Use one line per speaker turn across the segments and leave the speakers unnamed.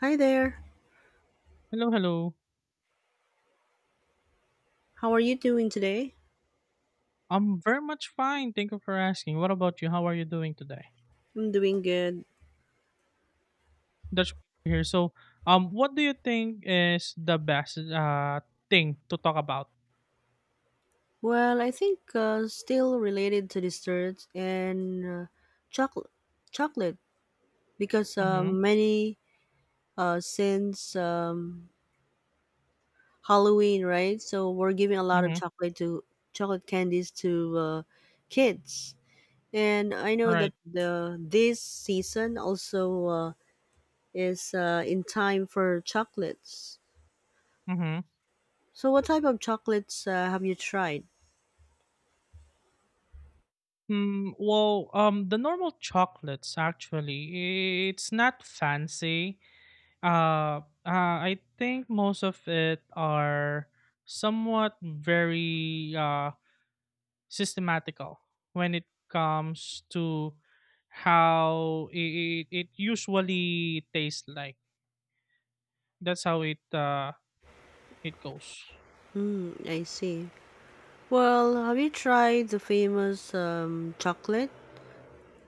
Hi there.
Hello, hello.
How are you doing today?
I'm very much fine. Thank you for asking. What about you? How are you doing today?
I'm doing good.
That's here. So, what do you think is the best thing to talk about?
Well, I think still related to desserts and chocolate, chocolate because
Mm-hmm.
many since Halloween, right? So we're giving a lot of
Mm-hmm.
chocolate to chocolate candies to kids, and I know that
Right.
the this season also is in time for chocolates.
Mm-hmm.
So, what type of chocolates have you tried?
Well, the normal chocolates actually, it's not fancy. Uh, uh, I think most of it are somewhat very systematical when it comes to how it usually tastes like. That's how it goes.
Hmm. I see. Well, have you tried the famous chocolate,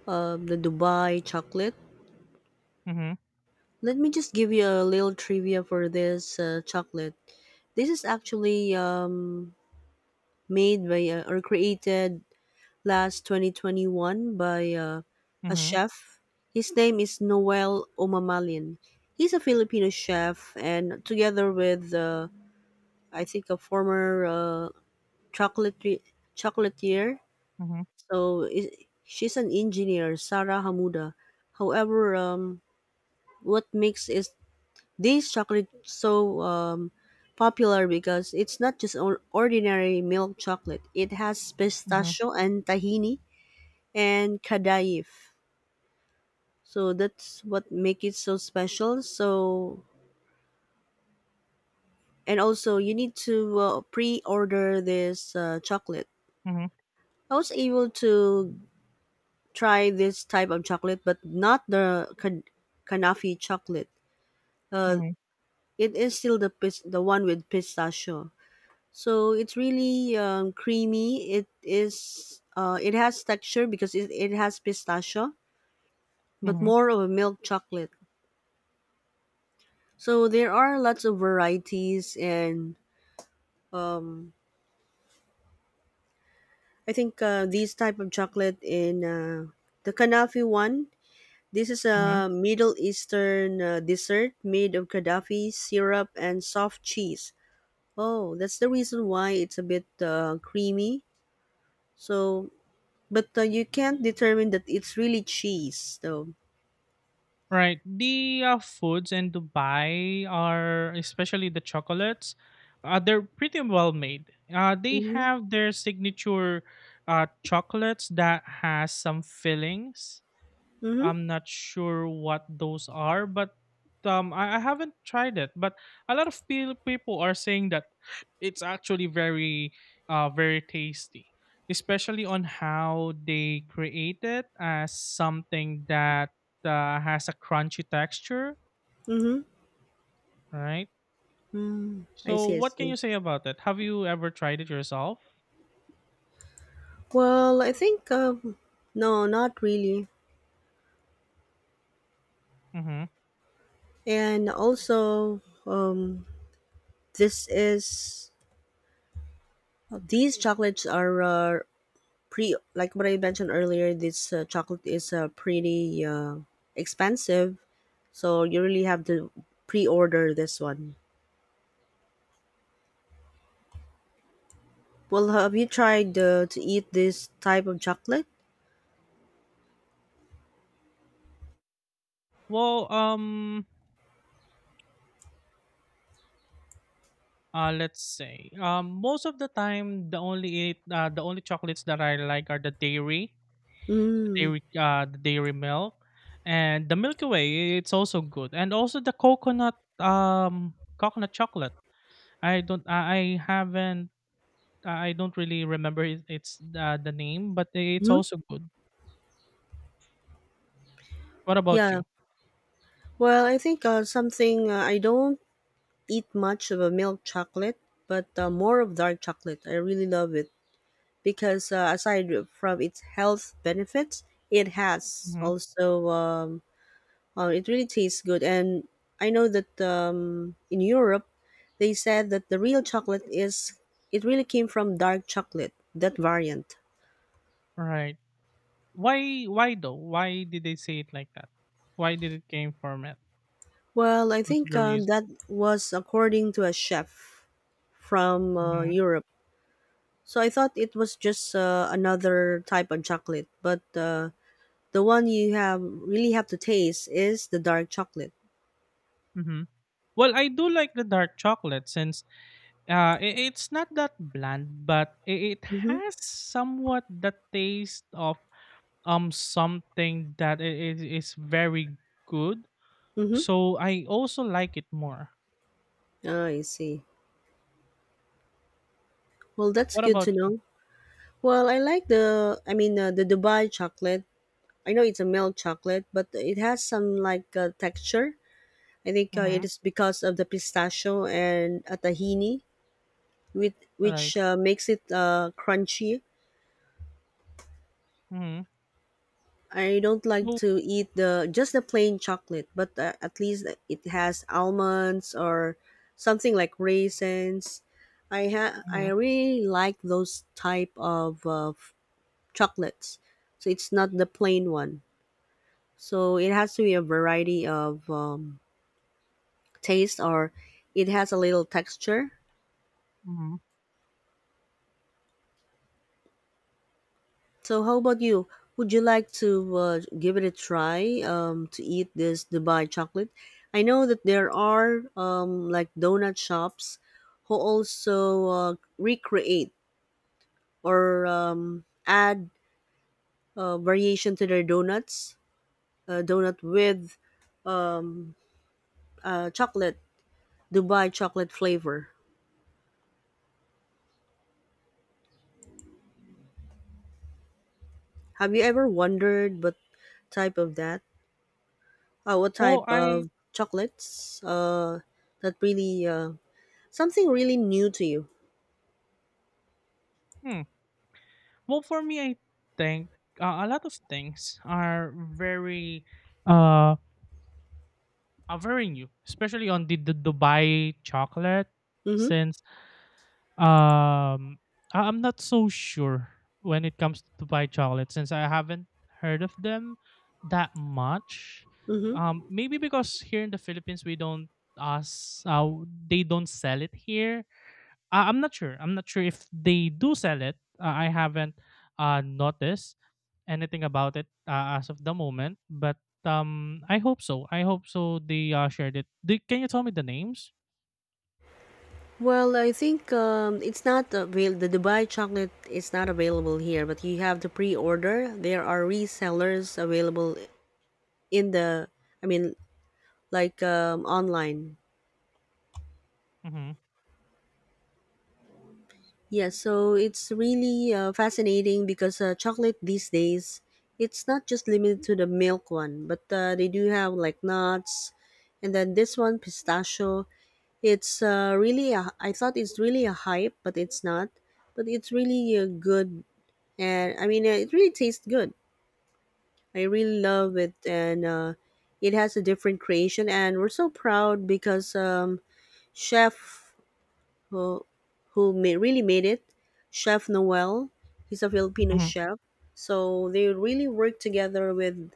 the Dubai chocolate?
Mm-hmm.
Let me just give you a little trivia for this chocolate. This is actually made by or created last 2021 by a
Mm-hmm.
chef. His name is Noel Omamalian. He's a Filipino chef, and together with I think a former chocolate chocolatier.
Mm-hmm.
So I She's an engineer, Sarah Hamuda. However, what makes is this chocolate so popular because it's not just ordinary milk chocolate. It has
Mm-hmm.
pistachio and tahini and kadaif. So that's what make it so special. So and also you need to pre-order this chocolate.
Mm-hmm.
I was able to try this type of chocolate, but not the kanafi chocolate, uh,
Mm-hmm.
it is still the the one with pistachio. So it's really creamy. It is it has texture because it has pistachio, but
Mm-hmm.
more of a milk chocolate. So there are lots of varieties, and um, I think these type of chocolate in the Kanafi one. This is
Mm-hmm.
a Middle Eastern dessert made of Gaddafi syrup and soft cheese. Oh, that's the reason why it's a bit creamy. So, but you can't determine that it's really cheese, though.
Right. The foods in Dubai are especially the chocolates. They're pretty well made. They
Mm-hmm.
have their signature chocolates that has some fillings.
Mm-hmm.
I'm not sure what those are, but I haven't tried it. But a lot of people are saying that it's actually very tasty, especially on how they create it as something that has a crunchy texture, right?
I
So,
see. I
what can
see.
you say about it? Have you ever tried it yourself?
Well, I think no, not really.
Mm-hmm.
And also, um, this is these chocolates are pre like what I mentioned earlier. This chocolate is pretty expensive, so you really have to pre-order this one. Well, have you tried to eat this type of chocolate?
Well, let's say most of the time the only chocolates that I like are the dairy, the
Mm.
dairy, uh, the dairy milk, and the Milky Way. It's also good, and also the coconut chocolate. I don't I haven't I don't really remember it, it's the name, but it's
Hmm.
also good. What about
Yeah.
you?
Well, I think something I don't eat much of a milk chocolate, but more of dark chocolate. I really love it because aside from its health benefits, it has
Mm-hmm.
also it really tastes good. And I know that in Europe, they said that the real chocolate is it really came from dark chocolate that variant.
Right. Why though? Why did they say it like that? Why did it came from it?
Well, I
What's
think
the reason?
that was according to a chef from
Mm-hmm.
Europe. So I thought it was just another type of chocolate, but the one you have really have to taste is the dark chocolate.
Mm-hmm. Well, I do like the dark chocolate since uh, i- it's not that bland, but it
Mm-hmm.
has somewhat the taste of something that is very good.
Mm-hmm.
So I also like it more.
Oh, I see. Well, that's
What
good to
about you?
know. Well, I like I mean, the Dubai chocolate. I know it's a milk chocolate, but it has some like texture. I think it
Mm-hmm.
is because of the pistachio and tahini, with,
Right.
which makes it crunchy.
Mm-hmm.
I don't like
So,
to eat the just the plain chocolate, but at least it has almonds or something like raisins. I
mm-hmm.
really like those type of chocolates. So it's not the plain one. So it has to be a variety of taste or it has a little texture.
Mm-hmm.
So, how about you? Would you like to give it a try to eat this Dubai chocolate? I know that there are like donut shops who also recreate or add variation to their donuts, donut with chocolate, Dubai chocolate flavor. Have you ever wondered what type of that? What type
well, I
of chocolates that really something really new to you?
Hmm. Well, for me, I think a lot of things are uh very new, especially on the Dubai chocolate
Hmm.
since Um, I'm not so sure when it comes to buy chocolate since I haven't heard of them that much.
Hmm.
Maybe because here in the Philippines we don't us they don't sell it here. I'm not sure. I'm not sure if they do sell it. I haven't noticed anything about it as of the moment, but I hope so. I hope so. They shared it. Can you tell me the names?
Well, I think it's not avail- the Dubai chocolate is not available here, but you have to pre-order. There are resellers available in the, I mean, like online.
Mm-hmm.
Yeah, so it's really fascinating because chocolate these days, it's not just limited to the milk one, but they do have like nuts, and then this one pistachio. It's I thought it's really a hype, but it's not. But it's really a good and I mean it really tastes good. I really love it, and it has a different creation, and we're so proud because chef who really made it, Chef Noel, he's a Filipino
Mm-hmm.
chef, so they really work together with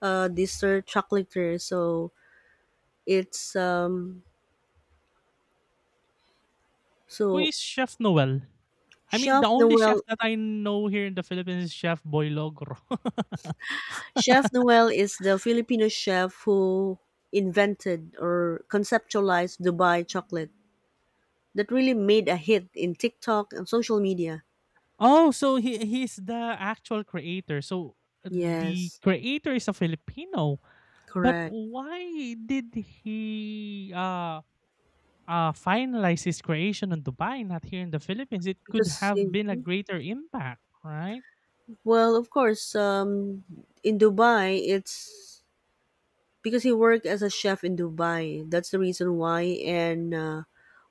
dessert chocolatier. So it's
Who
so
is Chef Noel? I mean,
Chef
the only chef
Noel.
that I know here in the Philippines is Chef Boy Logro.
Chef Noel is the Filipino chef who invented or conceptualized Dubai chocolate that really made a hit in TikTok and social media.
Oh, so he's the actual creator. So the
Yes,
creator is a Filipino, but
correct.
why did he finalize his creation in Dubai, not here in the Philippines? It could
Because,
have
in,
been a greater impact, right?
well, of course, in Dubai, it's because he worked as a chef in Dubai. That's the reason why. And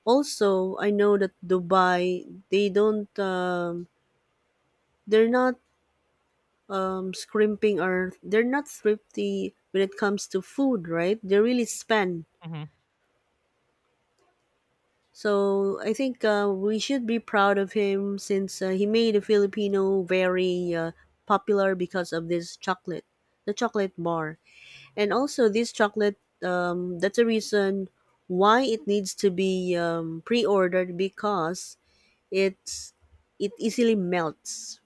also, I know that Dubai, they don't, they're not scrimping or they're not thrifty when it comes to food, right? They really spend.
Hmm.
So I think we should be proud of him since he made a Filipino very popular because of this chocolate, the chocolate bar, and also this chocolate. That's a reason why it needs to be pre-ordered because it's it easily melts,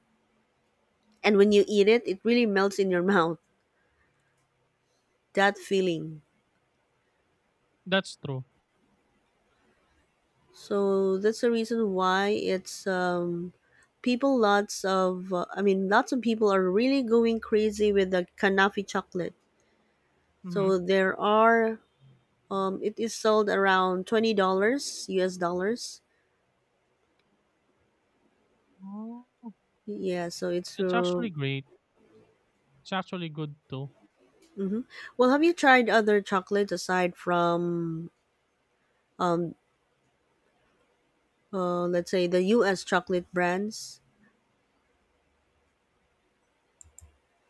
and when you eat it, it really melts in your mouth. That feeling.
That's true.
So that's the reason why it's people lots of I mean lots of people are really going crazy with the Kanafi chocolate.
Hmm.
So there are it is sold around $20 US dollars.
Oh,
Yeah, so it's
that's actually great. It's actually good too.
hmm well. Have you tried other chocolates aside from um, let's say the US chocolate brands?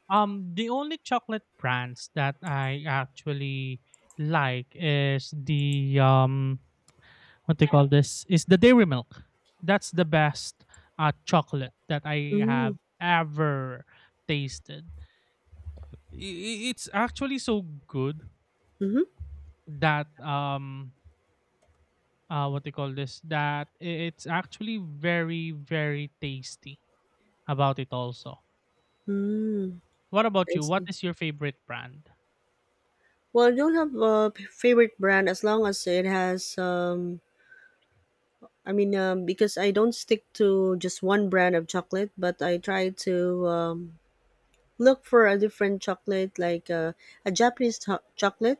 The only chocolate brands that I actually like is the what they call this is the dairy milk. That's the best chocolate that I
Mm-hmm.
have ever tasted. It's actually so good
Mm-hmm.
that what they call this that it's actually very very tasty about it also.
Mm,
What about
I
you? What
see.
is your favorite brand?
Well, I don't have a favorite brand as long as it has. I mean, because I don't stick to just one brand of chocolate, but I try to look for a different chocolate, like a Japanese chocolate,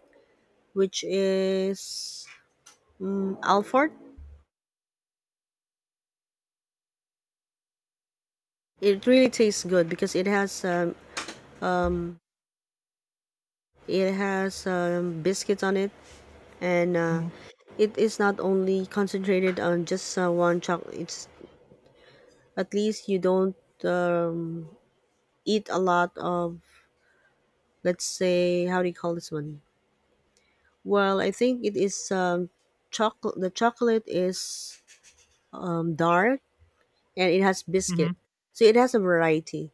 which is Alfort. It really tastes good because it has biscuits on it, and
Mhm,
it is not only concentrated on just one chocolate. It's at least you don't. Um, eat a lot of let's say how do you call this one well I think it is chocolate the chocolate is dark and it has biscuit
mhm,
so it has a variety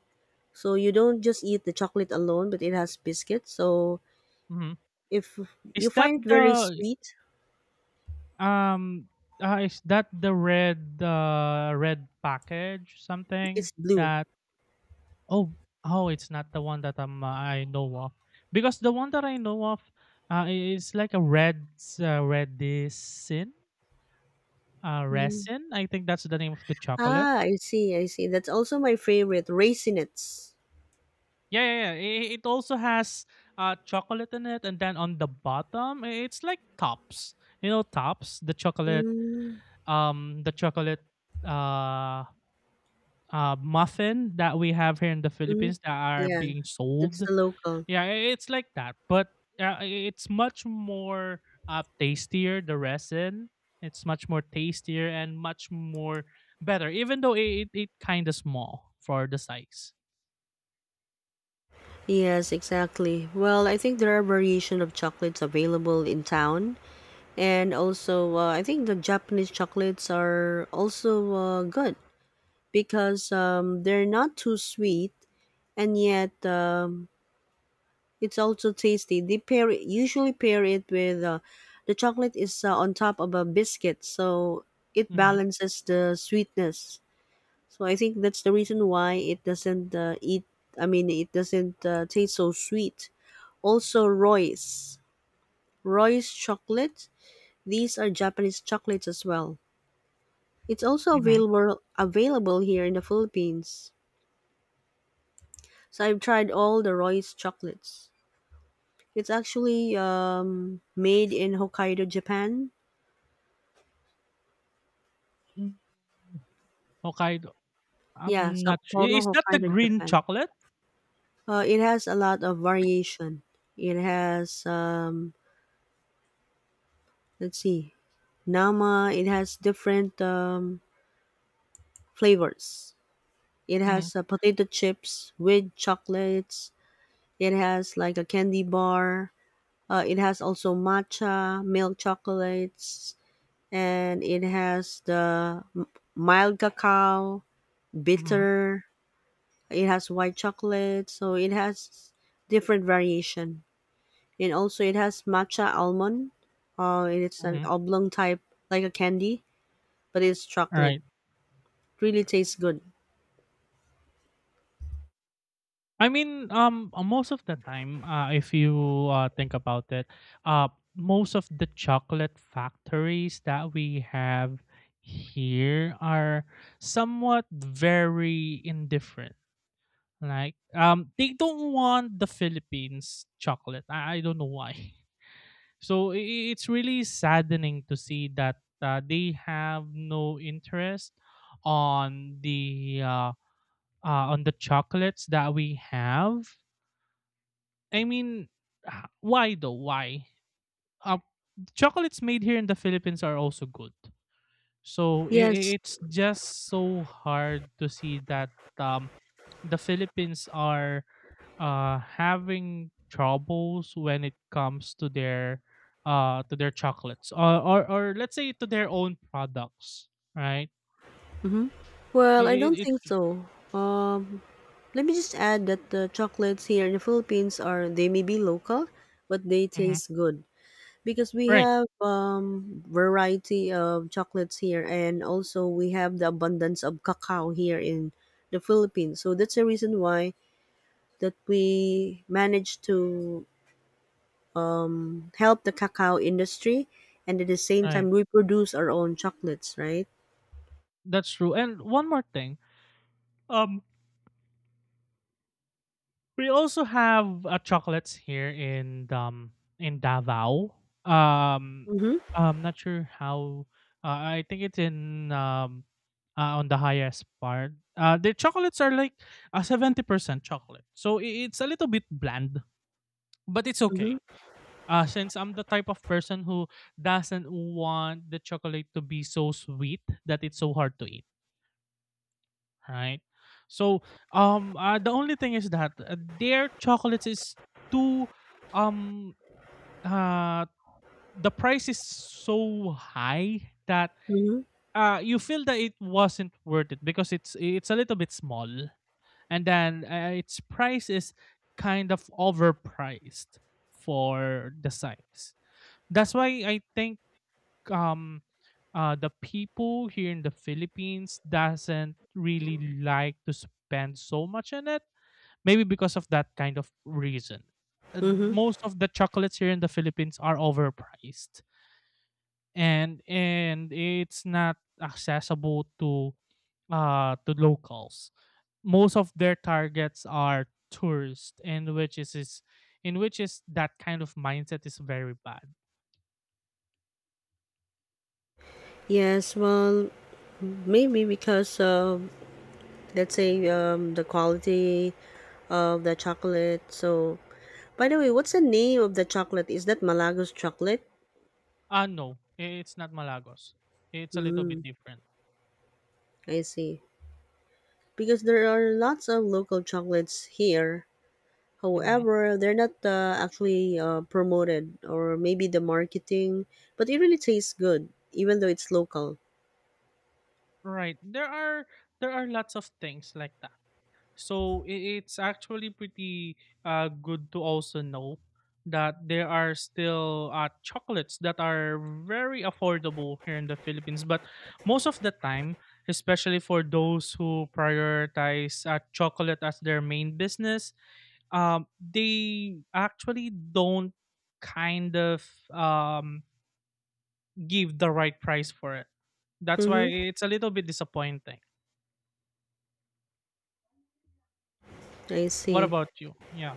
so you don't just eat the chocolate alone but it has biscuit so
mhm.
if you
Is that
find it very
the
sweet
Um, is that the red red package something
it's blue.
that oh oh, it's not the one that I know of, because the one that I know of is like a red red resin,
Mm.
resin, I think that's the name of the chocolate.
Ah, I see, I see. That's also my favorite raisinets.
Yeah, yeah, yeah. It also has chocolate in it, and then on the bottom, it's like tops. You know, tops. The chocolate,
Mm.
um, the chocolate, uh, muffin that we have here in the
Mm.
Philippines that are
Yeah,
being
that's
sold.
the local.
Yeah, it's like that, but it's much more tastier. The resin, it's much more tastier and much more better, even though it it kind of small for the size.
Yes, exactly. Well, I think there are variation of chocolates available in town, and also I think the Japanese chocolates are also good because they're not too sweet and yet it's also tasty. Usually pair it with the chocolate is on top of a biscuit, so it
Mhm,
balances the sweetness. So I think that's the reason why it doesn't eat. I mean, it doesn't taste so sweet also Royce. Royce chocolate. These are Japanese chocolates as well. It's also
mhm.
available here in the Philippines. So I've tried all the Royce chocolates. It's actually made in Hokkaido, Japan.
Mm, Hokkaido. I'm
Yeah,
not su I
Sapporo,
is that the
Hokkaido,
green
Japan.
chocolate?
It has a lot of variation. It has let's see, Nama. It has different flavors. It
Mhm,
has potato chips with chocolates. It has like a candy bar. It has also matcha, milk chocolates, and it has mild cacao,
mhm,
bitter. It has white chocolate, so it has different variation. And also, it has matcha almond. It's an
mhm.
oblong type, like a candy, but it's chocolate.
Alright.
Really tastes good.
I mean, most of the time, if you think about it, uh, most of the chocolate factories that we have here are somewhat very indifferent. Like, they don't want the Philippines chocolate. I don't know why. So it's really saddening to see that they have no interest on the chocolates that we have. I mean, why though? Why? Uh, chocolates made here in the Philippines are also good. So
Yes.
it's just so hard to see that um, the Philippines are having troubles when it comes to their chocolates, or, let's say to their own products, right?
Hmm. Well, I
I
don't
it's
think so. Um, Let me just add that the chocolates here in the Philippines are they may be local, but they
Mhm.
taste good because we
Right,
have variety of chocolates here, and also we have the abundance of cacao here in the Philippines. So that's the reason why that we managed to help the cacao industry, and at the same
right.
time we produce our own chocolates, right?
That's true. And one more thing, um, we also have chocolates here in Davao. Um,
Mm-hmm.
I'm not sure how. I think it's in on the highest part. The chocolates are like a 70% chocolate, so it's a little bit bland, but it's okay.
Mm-hmm.
Since I'm the type of person who doesn't want the chocolate to be so sweet that it's so hard to eat, right? So, the only thing is that their chocolates is too, um, uh, the price is so high that
Mm-hmm.
you feel that it wasn't worth it because it's a little bit small, and then its price is kind of overpriced for the size. That's why I think um the people here in the Philippines doesn't really like to spend so much on it. Maybe because of that kind of reason. Uh,
Mm-hmm.
Most of the chocolates here in the Philippines are overpriced, and it's not accessible to locals. Most of their targets are tourists, and which is in which is that kind of mindset is very bad.
Yes, well, maybe because let's say the quality of the chocolate. So, by the way, what's the name of the chocolate? Is that Malagos chocolate?
Ah, no, it's not Malagos. It's a little bit different.
I see. Because there are lots of local chocolates here.
Hmm.
However, they're not actually promoted, or maybe the marketing, but it really tastes good, even though it's local.
Right. There are lots of things like that. So it's actually pretty good to also know that there are still chocolates that are very affordable here in the Philippines. But most of the time, especially for those who prioritize chocolate as their main business, they actually don't kind of um, give the right price for it. That's why
Mm-hmm.
it's a little bit disappointing.
I
What
see.
about you? Yeah.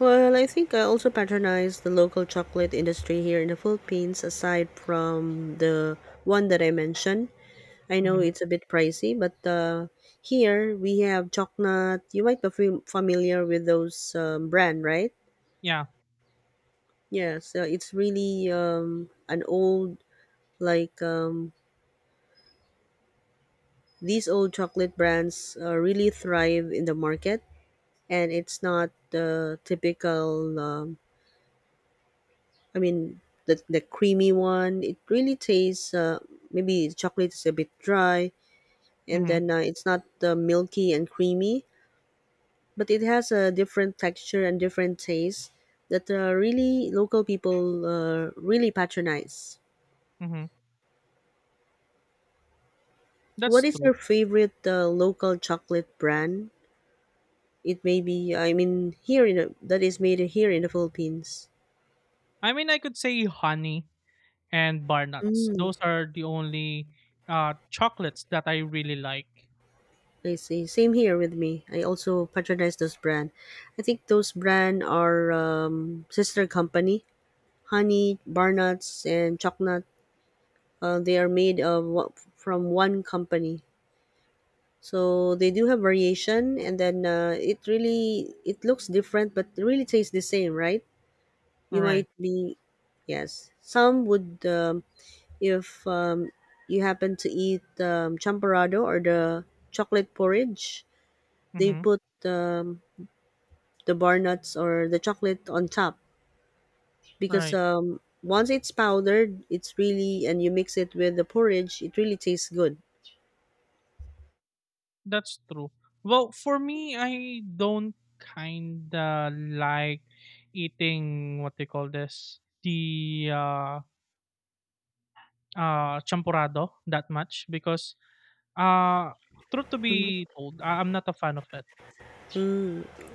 Well, I think I also patronize the local chocolate industry here in the Philippines, aside from the one that I mentioned. I know
Hmm.
it's a bit pricey, but here we have Chocnut. You might be familiar with those brand, right?
Yeah.
Yeah, so it's really an old like these old chocolate brands really thrive in the market, and it's not the typical. I mean, the creamy one. It really tastes. Maybe chocolate is a bit dry, and
Hmm.
then it's not milky and creamy but it has a different texture and different taste that really local people really patronize.
Hmm.
What
That's
is
true.
your favorite local chocolate brand? It may be, I mean, here in that is made here in the Philippines.
I mean, I could say honey and bar nuts.
Mm,
Those are the only chocolates that I really like.
I see. Same here with me. I also patronize those brand. I think those brand are sister company, Honey, Bar Nuts, and Chocolate. They are made of from one company. So they do have variation and then it really it looks different but it really tastes the same, right? You
Right.
might be, yes, some would, if you happen to eat champorado or the chocolate porridge, they
Mm-hmm.
put, the bar nuts or the chocolate on top because,
Right.
once it's powdered it's really and you mix it with the porridge it really tastes good.
That's true. Well, for me, I don't kinda like eating what they call this the champurrado that much because uh, truth to
Mhm.
be told, I'm not a fan of it.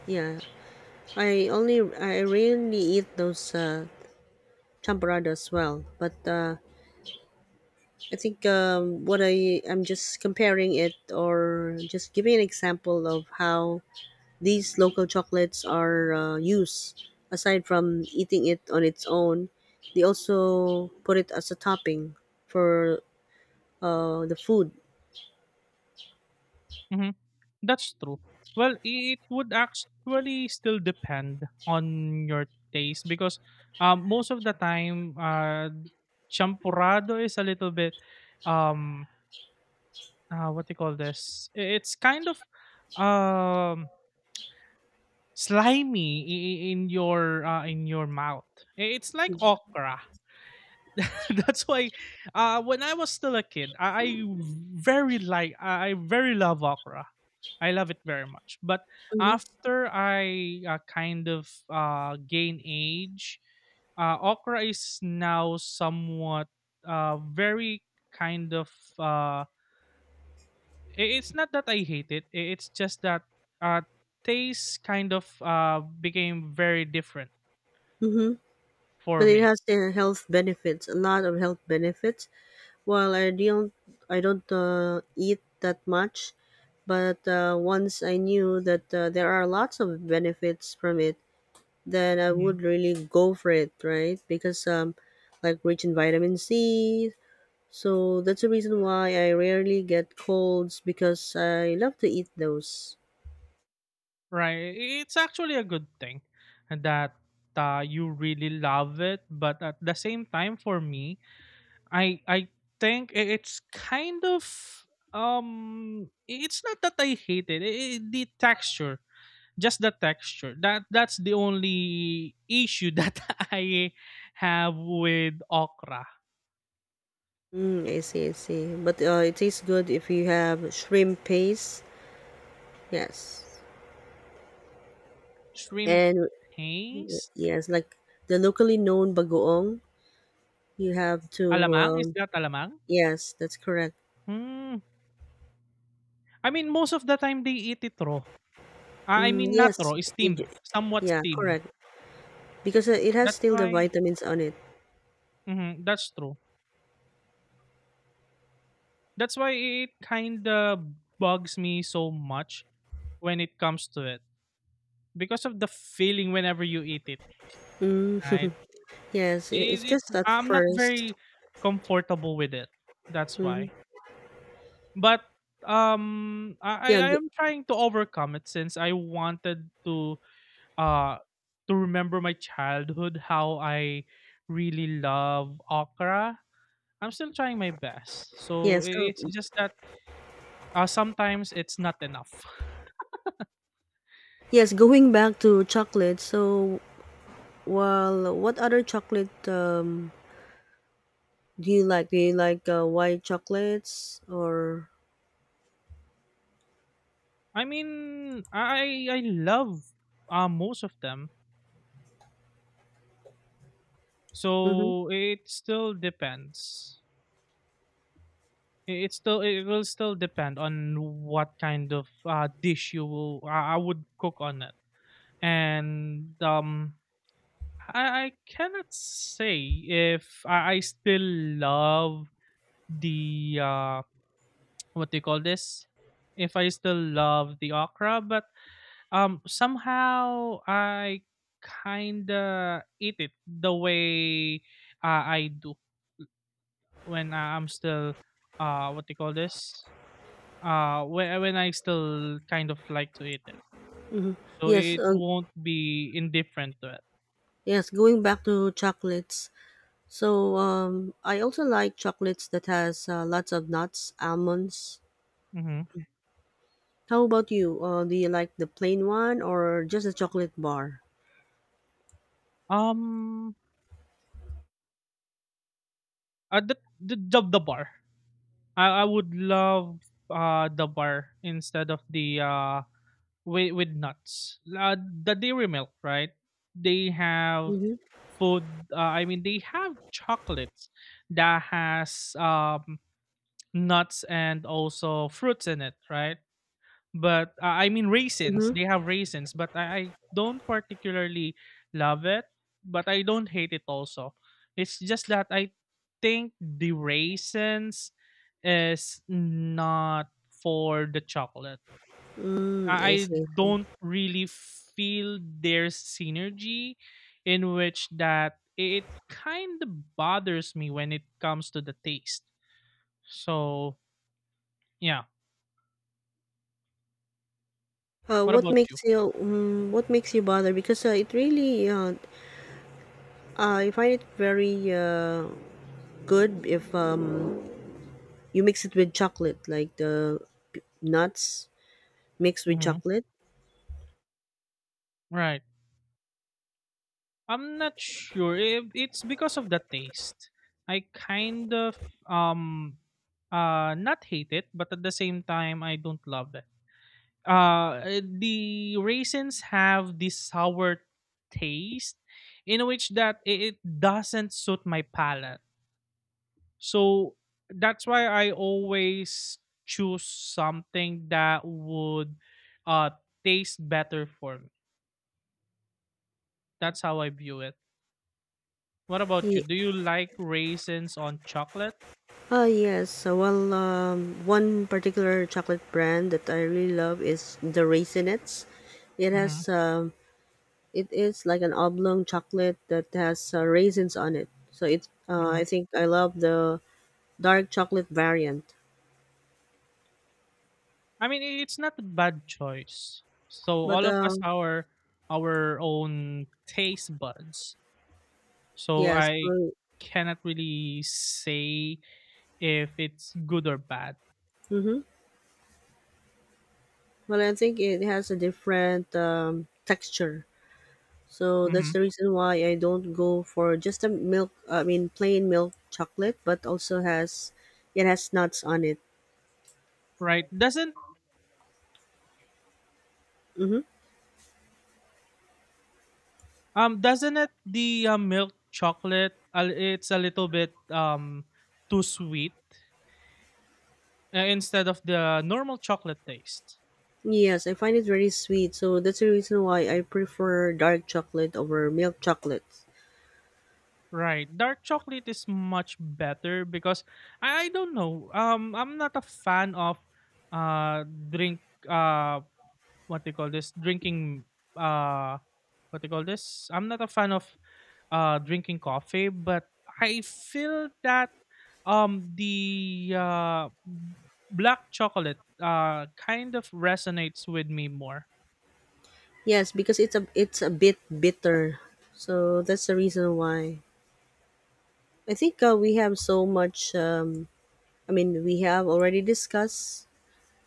Yeah, I rarely eat those Champorado as well. But I think what I'm just comparing it or just giving an example of how these local chocolates are used. Aside from eating it on its own, they also put it as a topping for the food.
Mm-hmm. That's true. Well, it would actually still depend on your taste because most of the time, champurrado is a little bit, um, what do you call this? It's kind of um, slimy in your mouth. It's like okra. That's why, when I was still a kid, I very love okra. I love it very much. But
Mm-hmm.
after I kind of gain age, okra is now somewhat very kind of. Uh, it's not that I hate it. It's just that uh, taste kind of became very different
Mm-hmm.
for
But it
me.
has the health benefits, a lot of health benefits. Well, I don't, I don't eat that much, but once I knew that there are lots of benefits from it, then I
Mm-hmm.
would really go for it, right? Because like rich in vitamin C. So that's the reason why I rarely get colds because I love to eat those.
Right. It's actually a good thing that you really love it, but at the same time, for me, I think it's kind of um it's not that I hate it. The texture, just the texture. That's the only issue that I have with okra.
Mm, I see, I see. But it tastes good if you have shrimp paste. Yes.
Shrimp
And
paste,
yes, like the locally known bagoong. You have to,
alamang, is that alamang?
yes, that's correct.
Hmm. I mean, most of the time they eat it raw. Ah, I
Mm,
mean not
yes,
raw, steamed, somewhat
yeah,
steamed.
correct. Because it has
That's
still the
why.
vitamins on it.
Mhm, that's true. That's why it kinda bugs me so much when it comes to it because of the feeling whenever you eat it,
Mm,
right?
yes, it,
It,
it's
it's
just at
I'm not
first.
very comfortable with it. That's
Mm,
why. But
yeah,
I
go,
am trying to overcome it since I wanted uh to remember my childhood how I really love okra. I'm still trying my best. So
yes, oh,
it's just that sometimes it's not enough.
yes. Going back to chocolate. So, well, what other chocolate do you like? Do you like white chocolates or?
I mean, I love most of them.
Mm-hmm,
So it still depends. It still it will still depend on what kind of dish you will I would cook on it. And I cannot say if I still love the what they call this, if I still love the okra, but somehow I kinda eat it the way I do when I'm still what do you call this? When I still kind of like to eat it.
mm-hmm.
So
Yes,
it won't be indifferent to it.
yes. Going back to chocolates. So I also like chocolates that has lots of nuts, almonds.
Hmm.
How about you? Do you like the plain one or just a chocolate bar?
Um the bar. I would love the bar instead of the with nuts. The dairy milk, right? They have
Mm-hmm.
food, I mean, they have chocolates that has nuts and also fruits in it, right, but I mean, raisins,
Mm-hmm.
they have raisins, but I don't particularly love it, but I don't hate it also. It's just that I think the raisins is not for the chocolate.
Mm,
I
I
I
see. I see.
don't really feel there's synergy in which that it kind of bothers me when it comes to the taste. So, yeah.
Uh,
What
what
about you?
makes you bother? Because it really I find it very good if you mix it with chocolate, like the nuts mixed with
Hmm.
chocolate.
Right. I'm not sure if it's because of the taste. I kind of um not hate it, but at the same time I don't love it. uh the raisins have this sour taste in which that it doesn't suit my palate, so that's why I always choose something that would uh taste better for me. That's how I view it. What about you,
Ye-
do you like raisins on chocolate?
Yes. So, well, one particular chocolate brand that I really love is the Raisinets. It
Hmm.
has, it is like an oblong chocolate that has raisins on it. So it, I
Hmm.
think I love the dark chocolate variant.
I mean, it's not a bad choice. So
But
all of us, our own taste buds. So
yes,
I
well,
cannot really say if it's good or bad.
mm-hmm. Well, I think it has a different texture. So that's
Hmm.
the reason why I don't go for just a milk. I mean, plain milk chocolate, but also has it has nuts on it.
Right? Doesn't
Mm-hmm.
um doesn't it, the milk chocolate? It's a little bit too sweet instead of the normal chocolate taste.
Yes, I find it very sweet, so that's the reason why I prefer dark chocolate over milk chocolate.
Right? Dark chocolate is much better because I don't know. I'm not a fan of drink uh what do you call this, drinking, uh what do you call this? I'm not a fan of drinking coffee, but I feel that the black chocolate kind of resonates with me more.
Yes, because it's a bit bitter, so that's the reason why. I think we have so much. We have already discussed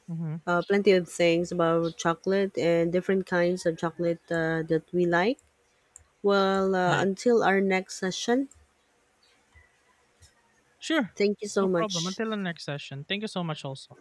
Hmm.
plenty of things about chocolate and different kinds of chocolate that we like. Well,
Right.
until our next session,
Sure.
thank you so
No problem.
much.
Until the next session. Thank you so much, also.